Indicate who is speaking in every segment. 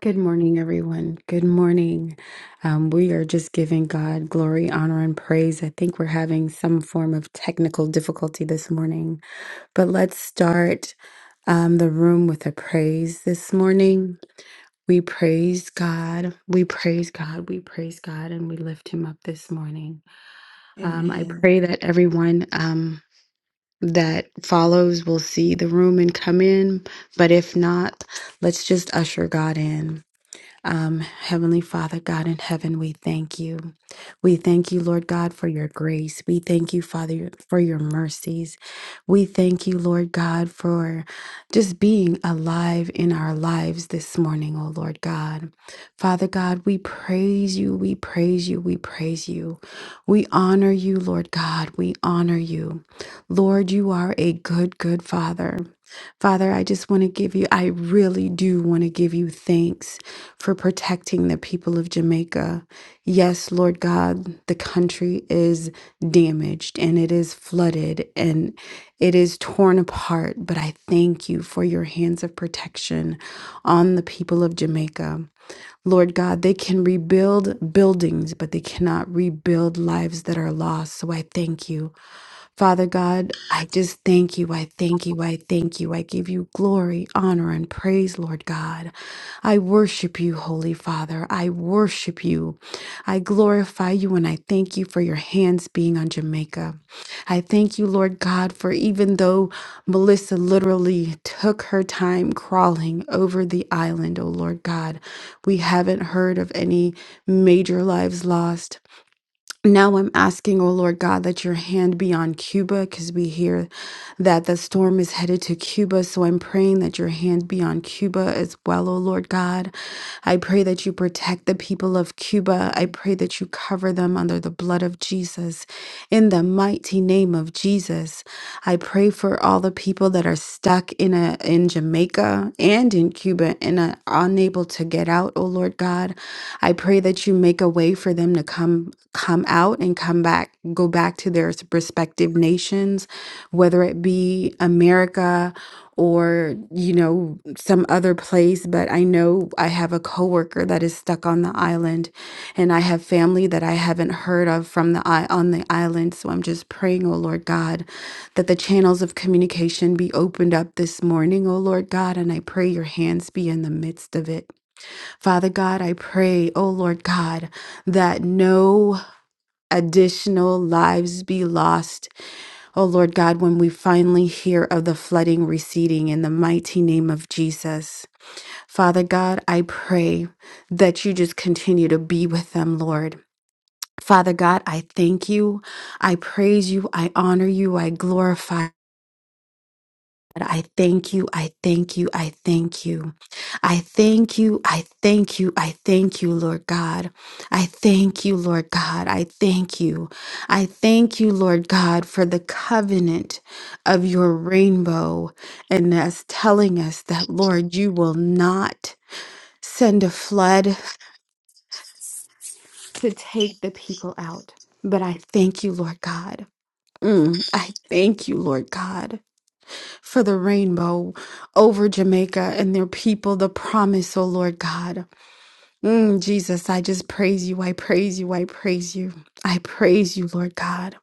Speaker 1: Good morning, everyone. Good morning. Um, we are just giving God glory, honor, and praise. I think we're having some form of technical difficulty this morning, but let's start um, the room with a praise this morning. We praise God. We praise God. We praise God, and we lift Him up this morning. Um, I
Speaker 2: Amen.
Speaker 1: pray that everyone um, that follows will see the room and come in, but if not, let's just usher God in. Um, Heavenly Father, God in heaven, we thank you. We thank you, Lord God, for your grace. We thank you, Father, for your mercies. We thank you, Lord God, for just being alive in our lives this morning, oh Lord God. Father God, we praise you, we praise you, we praise you. We honor you, Lord God, we honor you. Lord, you are a good, good Father. Father, I just want to give you, I really do want to give you thanks for protecting the people of Jamaica. Yes, Lord God, the country is damaged and it is flooded and it is torn apart, but I thank you for your hands of protection on the people of Jamaica. Lord God, they can rebuild buildings, but they cannot rebuild lives that are lost. So I thank you. Father God, I just thank you. I thank you. I thank you. I give you glory, honor, and praise, Lord God. I worship you, Holy Father. I worship you. I glorify you and I thank you for your hands being on Jamaica. I thank you, Lord God, for even though Melissa literally took her time crawling over the island, oh Lord God, we haven't heard of any major lives lost. Now I'm asking, oh Lord God, that your hand be on Cuba because we hear that the storm is headed to Cuba. So I'm praying that your hand be on Cuba as well, oh Lord God. I pray that you protect the people of Cuba. I pray that you cover them under the blood of Jesus. In the mighty name of Jesus, I pray for all the people that are stuck in a in Jamaica and in Cuba and are unable to get out, oh Lord God. I pray that you make a way for them to come come out and come back, go back to their respective nations, whether it be America or, you know, some other place. But I know I have a coworker that is stuck on the island and I have family that I haven't heard of from the i- on the island. So I'm just praying, oh Lord God, that the channels of communication be opened up this morning, oh Lord God, and I pray your hands be in the midst of it. Father God, I pray, oh Lord God, that no additional lives be lost. Oh Lord God, when we finally hear of the flooding receding in the mighty name of Jesus. Father God, I pray that you just continue to be with them, Lord. Father God, I thank you. I praise you. I honor you. I glorify. God, I thank you. I thank you. I thank you. I thank you. I thank you. I thank you, Lord God. I thank you, Lord God. I thank you. I thank you, Lord God, for the covenant of your rainbow and us telling us that, Lord, you will not send a flood to take the people out. But I thank you, Lord God. Mm, I thank you, Lord God. for the rainbow over Jamaica and their people, the promise, oh Lord God. Mm, Jesus, I just praise you. I praise you. I praise you. I praise you, Lord God.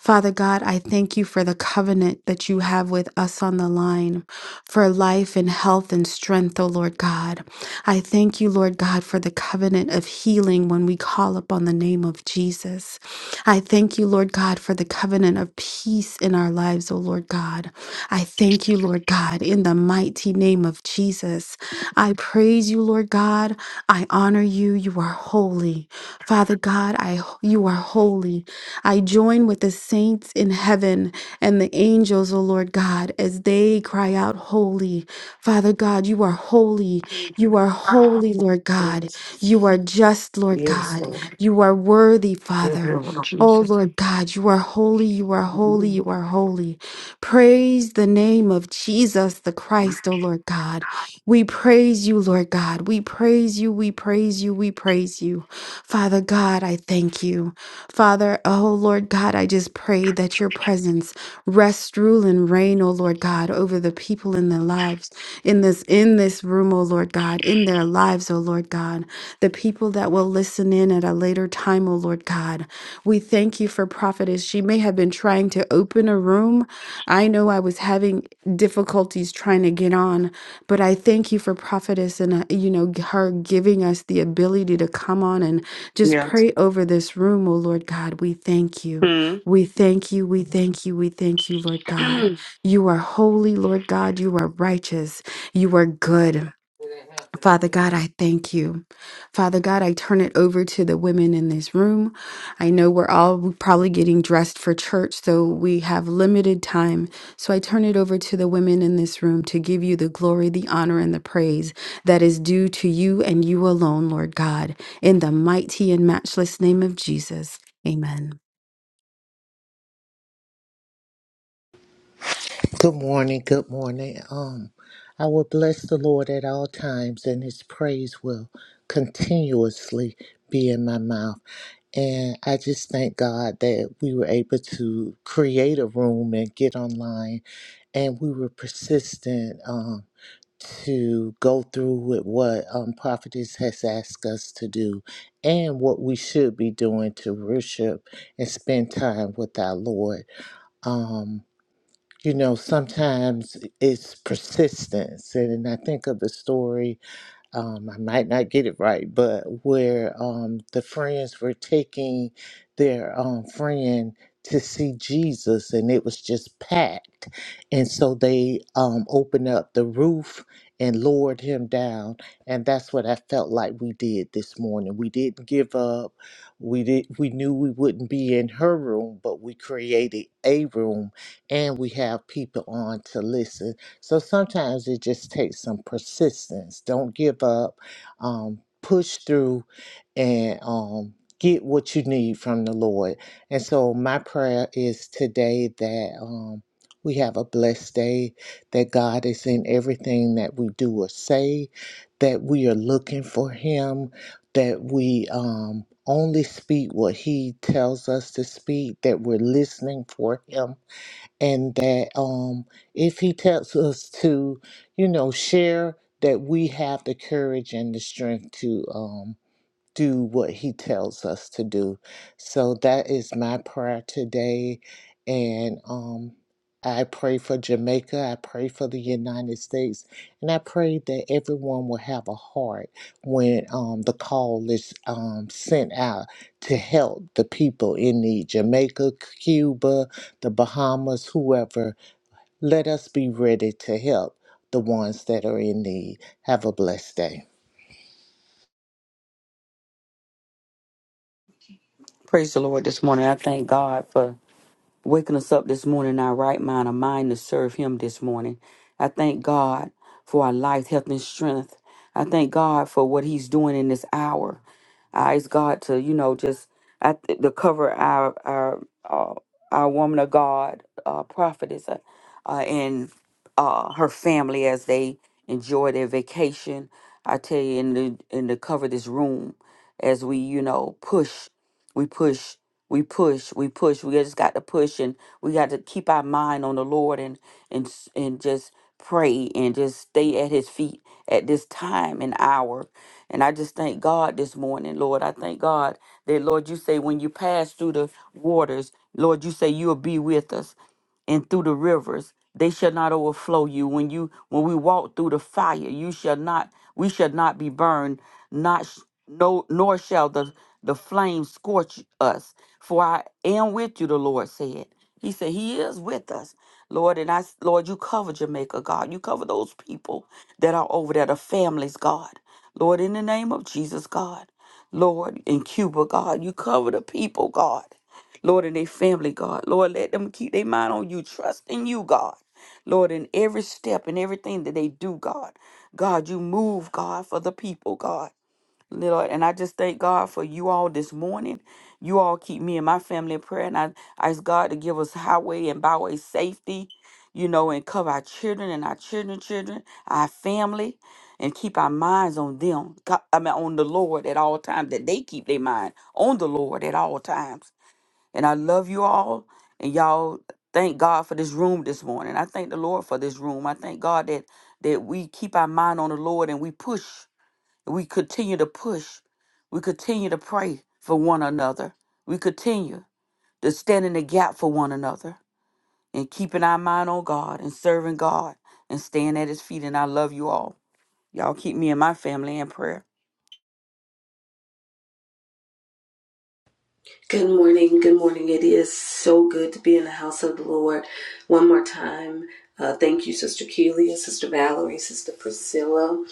Speaker 1: Father God, I thank you for the covenant that you have with us on the line for life and health and strength, O Lord God. I thank you, Lord God, for the covenant of healing when we call upon the name of Jesus. I thank you, Lord God, for the covenant of peace in our lives, O Lord God. I thank you, Lord God, in the mighty name of Jesus. I praise you, Lord God. I honor you. You are holy. Father God, I you are holy. I join with the saints in heaven and the angels, O Lord God, as they cry out, Holy. Father God, you are holy.
Speaker 3: Yes,
Speaker 1: You are holy, Lord
Speaker 3: Lord.
Speaker 1: God. You are just, Lord God. You are worthy,
Speaker 3: Yes,
Speaker 1: Father.
Speaker 3: Lord
Speaker 1: Oh
Speaker 3: Jesus.
Speaker 1: Lord God, you are holy, you are holy, you are holy. Praise the name of Jesus the Christ, O Lord God. We praise you, Lord God. We praise you. We praise you. We praise you. Father God, I thank you. Father, oh Lord God, I just pray that your presence rest, rule, and reign, oh Lord God, over the people in their lives, in this, in this room, oh Lord God, in their lives, oh Lord God, the people that will listen in at a later time, oh Lord God. We thank you for prophetess. She may have been trying to open a room. I know I was having difficulties trying to get on but I thank you for prophetess and, uh, you know, her giving us the ability to come on and just
Speaker 3: Yeah.
Speaker 1: pray over this room. Oh, Lord God, we thank you.
Speaker 3: Hmm.
Speaker 1: We thank you. We thank you. We thank you, Lord God. You are holy, Lord God. You are righteous. You are good. Father God, I thank you. Father God, I turn it over to the women in this room. I know we're all probably getting dressed for church, so we have limited time. So I turn it over to the women in this room to give you the glory, the honor, and the praise that is due to you and you alone, Lord God. In the mighty and matchless name of Jesus, amen.
Speaker 4: Good morning, good morning. Um, I will bless the Lord at all times, and His praise will continuously be in my mouth. And I just thank God that we were able to create a room and get online, and we were persistent um, to go through with what um, Prophetess has asked us to do and what we should be doing to worship and spend time with our Lord. Um, you know, sometimes it's persistence. And, I think of the story, um, I might not get it right, but where um, the friends were taking their um, friend to see Jesus, and it was just packed. And so they um, opened up the roof and lowered him down. And that's what I felt like we did this morning. We didn't give up. We did. We knew we wouldn't be in her room, but we created a room, and we have people on to listen. So sometimes it just takes some persistence. Don't give up. Um, push through and um, get what you need from the Lord. And so my prayer is today that um, we have a blessed day, that God is in everything that we do or say, that we are looking for Him, that we um, only speak what He tells us to speak, that we're listening for Him and that um, if he tells us to, you know, share that we have the courage and the strength to. Um, do what he tells us to do. So that is my prayer today. And um, I pray for Jamaica. I pray for the United States. And I pray that everyone will have a heart when um, the call is um, sent out to help the people in need Jamaica, Cuba, the Bahamas, whoever. Let us be ready to help the ones that are in need. Have a blessed day.
Speaker 3: Praise the Lord this morning. I thank God for waking us up this morning in our right mind, a mind to serve Him this morning. I thank God for our life, health, and strength. I thank God for what He's doing in this hour. I ask God to, you know, just I th- to cover our our uh, our woman of God, uh, prophetess, uh, uh, and uh, her family as they enjoy their vacation. I tell you, in the in to cover this room as we, you know, push, we push we push we push we just got to push and we got to keep our mind on the lord and and s- and just pray and just stay at his feet at this time and hour and i just thank god this morning lord i thank god that lord you say when you pass through the waters lord you say you'll be with us and through the rivers they shall not overflow you when you when we walk through the fire you shall not we shall not be burned not sh- no nor shall the the flame scorch us for i am with you the lord said he said he is with us lord and i s- lord you cover jamaica god you cover those people that are over there the families god lord in the name of jesus god lord in cuba god you cover the people god Lord, in their family, God. Lord, let them keep their mind on you, trust in you, God. Lord, in every step and everything that they do, God. God, you move, God, for the people, God. Lord, and I just thank God for you all this morning. You all keep me and my family in prayer, and I, I ask God to give us highway and byway safety, you know, and cover our children and our children, children, our family, and keep our minds on them. God, I mean, on the Lord at all times. That they keep their mind on the Lord at all times. And I love you all. And y'all thank God for this room this morning. I thank the Lord for this room. I thank God that that we keep our mind on the Lord and we push. We continue to push. We continue to pray for one another. We continue to stand in the gap for one another and keeping our mind on God and serving God and staying at his feet. And I love you all. Y'all keep me and my family in prayer.
Speaker 2: Good morning. Good morning. It is so good to be in the house of the Lord. One more time, uh, thank you, Sister Kelia, Sister Valerie, Sister Priscilla.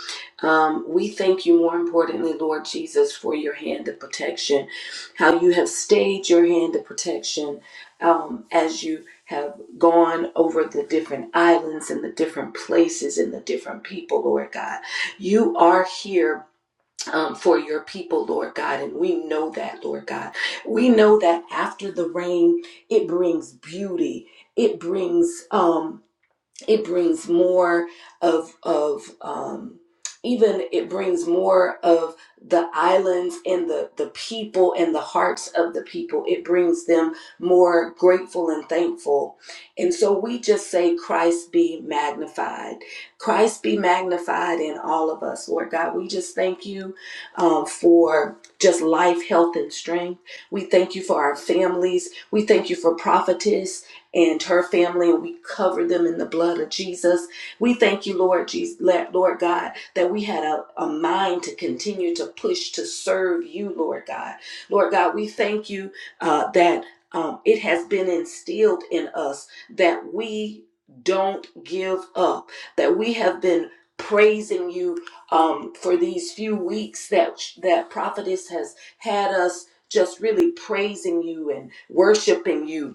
Speaker 2: Um, we thank you, more importantly, Lord Jesus, for your hand of protection, how you have stayed your hand of protection um, as you have gone over the different islands and the different places and the different people, Lord God. You are here um, for your people, Lord God. And we know that, Lord God. We know that after the rain, it brings beauty. It brings um, it brings more of of um even it brings more of the islands and the the people and the hearts of the people it brings them more grateful and thankful and so we just say christ be magnified christ be magnified in all of us lord god we just thank you um, for just life health and strength we thank you for our families we thank you for prophetess and her family, and we cover them in the blood of Jesus. We thank you, Lord Jesus, Lord God, that we had a, a mind to continue to push to serve you, Lord God. Lord God, we thank you uh, that um, it has been instilled in us that we don't give up, that we have been praising you um, for these few weeks that that prophetess has had us just really praising you and worshiping you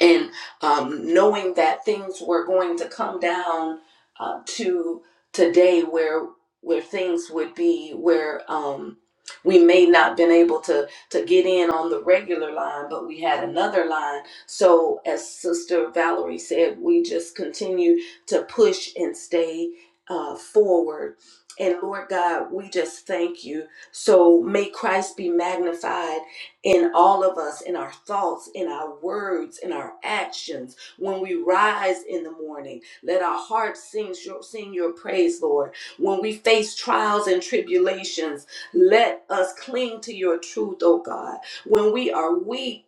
Speaker 2: and um, knowing that things were going to come down uh, to today where where things would be where um, we may not been able to to get in on the regular line but we had another line so as sister valerie said we just continue to push and stay uh, forward and lord god we just thank you so may christ be magnified in all of us, in our thoughts, in our words, in our actions. When we rise in the morning, let our hearts sing your, sing your praise, Lord. When we face trials and tribulations, let us cling to your truth, oh God. When we are weak,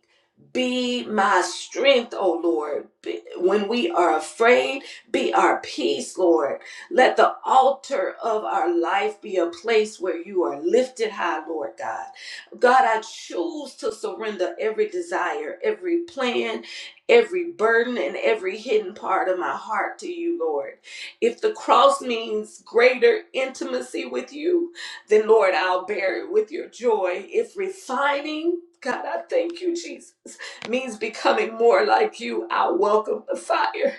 Speaker 2: be my strength, O Lord. Be- When we are afraid, be our peace, Lord. Let the altar of our life be a place where you are lifted high, Lord God. God, I choose to surrender every desire, every plan, every burden, and every hidden part of my heart to you, Lord. If the cross means greater intimacy with you, then Lord, I'll bear it with your joy. If refining, God, I thank you, Jesus, means becoming more like you, I welcome the fire.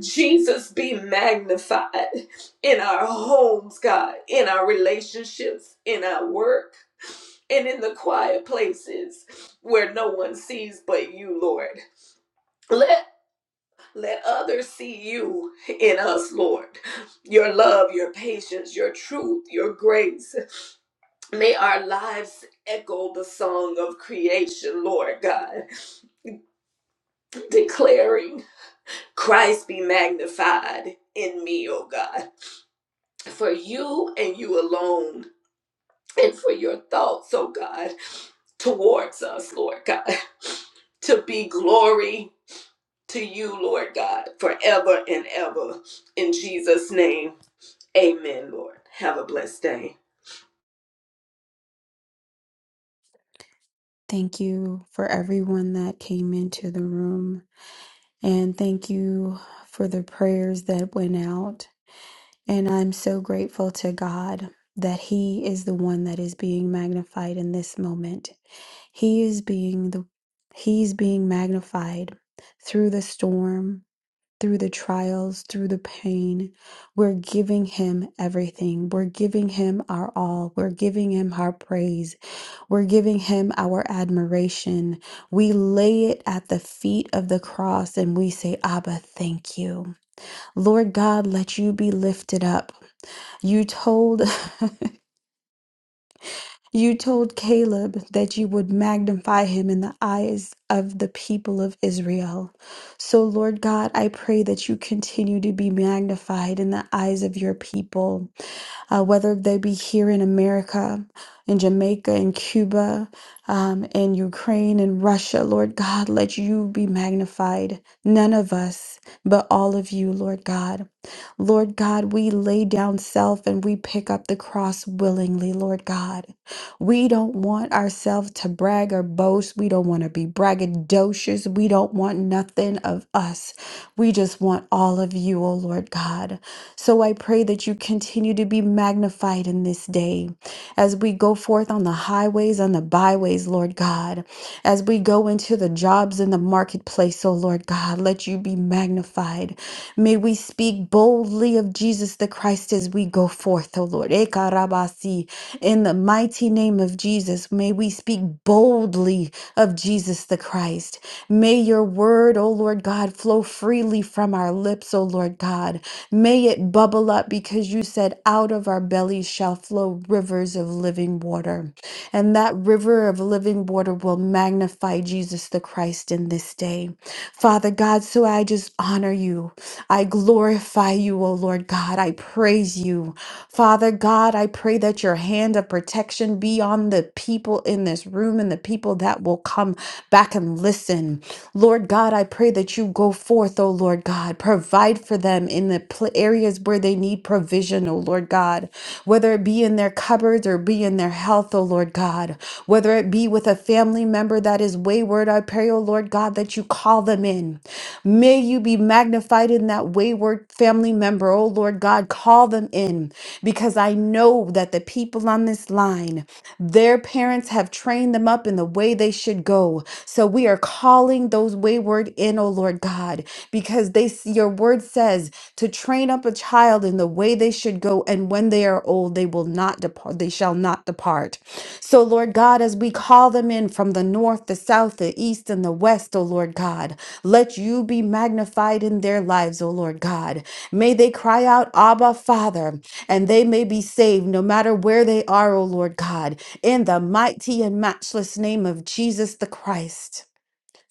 Speaker 2: Jesus be magnified in our homes, God, in our relationships, in our work and in the quiet places where no one sees but you, Lord. Let let others see you in us, Lord. Your love, your patience, your truth, your grace. May our lives echo the song of creation, Lord God, declaring, Christ be magnified in me, O God. For you and you alone and for your thoughts, oh God, towards us, Lord God, to be glory to you, Lord God, forever and ever. In Jesus' name, amen, Lord. Have a blessed day.
Speaker 1: Thank you for everyone that came into the room, and thank you for the prayers that went out. And I'm so grateful to God that He is the one that is being magnified in this moment. He is being the He's being magnified through the storm, through the trials, through the pain. We're giving him everything. We're giving him our all. We're giving him our praise. We're giving him our admiration. We lay it at the feet of the cross and we say, Abba, thank you. Lord God, let you be lifted up. You told you told Caleb that you would magnify him in the eyes of the people of Israel. So Lord God, I pray that you continue to be magnified in the eyes of your people uh, whether they be here in America, in Jamaica, in Cuba, um, in Ukraine, in Russia. Lord God, let you be magnified. None of us, but all of you, Lord God. Lord God, we lay down self and we pick up the cross willingly, Lord God. We don't want ourselves to brag or boast. We don't want to be braggadocious. We don't want nothing of us. We just want all of you, O Lord God. So I pray that you continue to be magnified in this day as we go forth on the highways and the byways, Lord God. As we go into the jobs in the marketplace, oh Lord God, let you be magnified. May we speak boldly of Jesus the Christ as we go forth, oh Lord. Ekarabasi. In the mighty name of Jesus, may we speak boldly of Jesus the Christ. May your word, O Lord God, flow freely from our lips, O Lord God. May it bubble up because you said, out of our bellies shall flow rivers of living water and that river of living water will magnify Jesus the Christ in this day. Father God, so I just honor you. I glorify you, O Lord God. I praise you. Father God, I pray that your hand of protection be on the people in this room and the people that will come back and listen. Lord God, I pray that you go forth, O Lord God. God. Provide for them in the pl- areas where they need provision, oh Lord God, whether it be in their cupboards or be in their health, oh Lord God, whether it be with a family member that is wayward, I pray, oh Lord God, that you call them in. May you be magnified in that wayward family member, oh Lord God, call them in because I know that the people on this line. Their parents have trained them up in the way they should go. So we are calling those wayward in, O Lord God, because they s- your word says to train up a child in the way they should go, and when they are old, they will not depart, they shall not depart. So Lord God, as we call them them in from the north, the south, the east, and the west, O Lord God. Let you be magnified in their lives, O Lord God. May they cry out, Abba, Father, and they may be saved no matter where they are, O Lord God, in the mighty and matchless name of Jesus the Christ.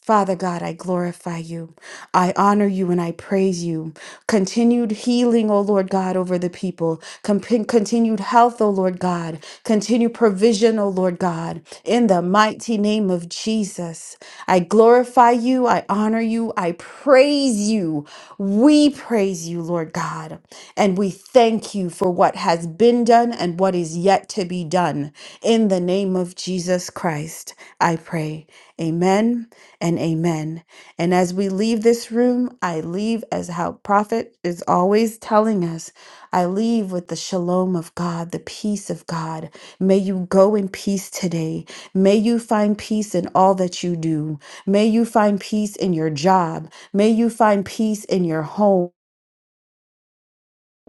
Speaker 1: Father God, I glorify you. I honor you and I praise you. Continued healing, O Lord God, over the people. Comp- continued health, O Lord God. Continued provision, O Lord God. In the mighty name of Jesus, I glorify you. I honor you. I praise you. We praise you, Lord God. And we thank you for what has been done and what is yet to be done. In the name of Jesus Christ, I pray. Amen and amen. And as we leave this room, I leave as how prophet is always telling us, I leave with the shalom of God, the peace of God. May you go in peace today. May you find peace in all that you do. May you find peace in your job. May you find peace in your home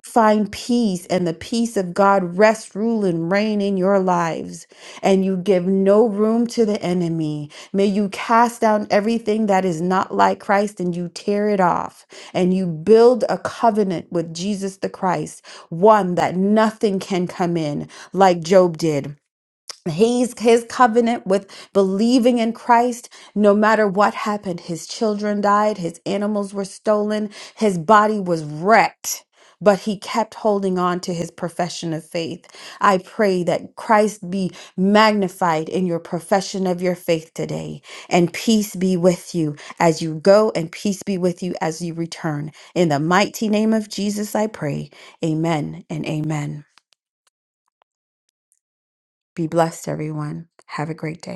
Speaker 1: find peace and the peace of God rest, rule, and reign in your lives. And you give no room to the enemy. May you cast down everything that is not like Christ and you tear it off. And you build a covenant with Jesus the Christ, one that nothing can come in like Job did. He's his covenant with believing in Christ, no matter what happened. His children died, his animals were stolen, his body was wrecked, but he kept holding on to his profession of faith. I pray that Christ be magnified in your profession of your faith today, and peace be with you as you go, and peace be with you as you return. In the mighty name of Jesus, I pray. Amen and amen. Be blessed, everyone. Have a great day.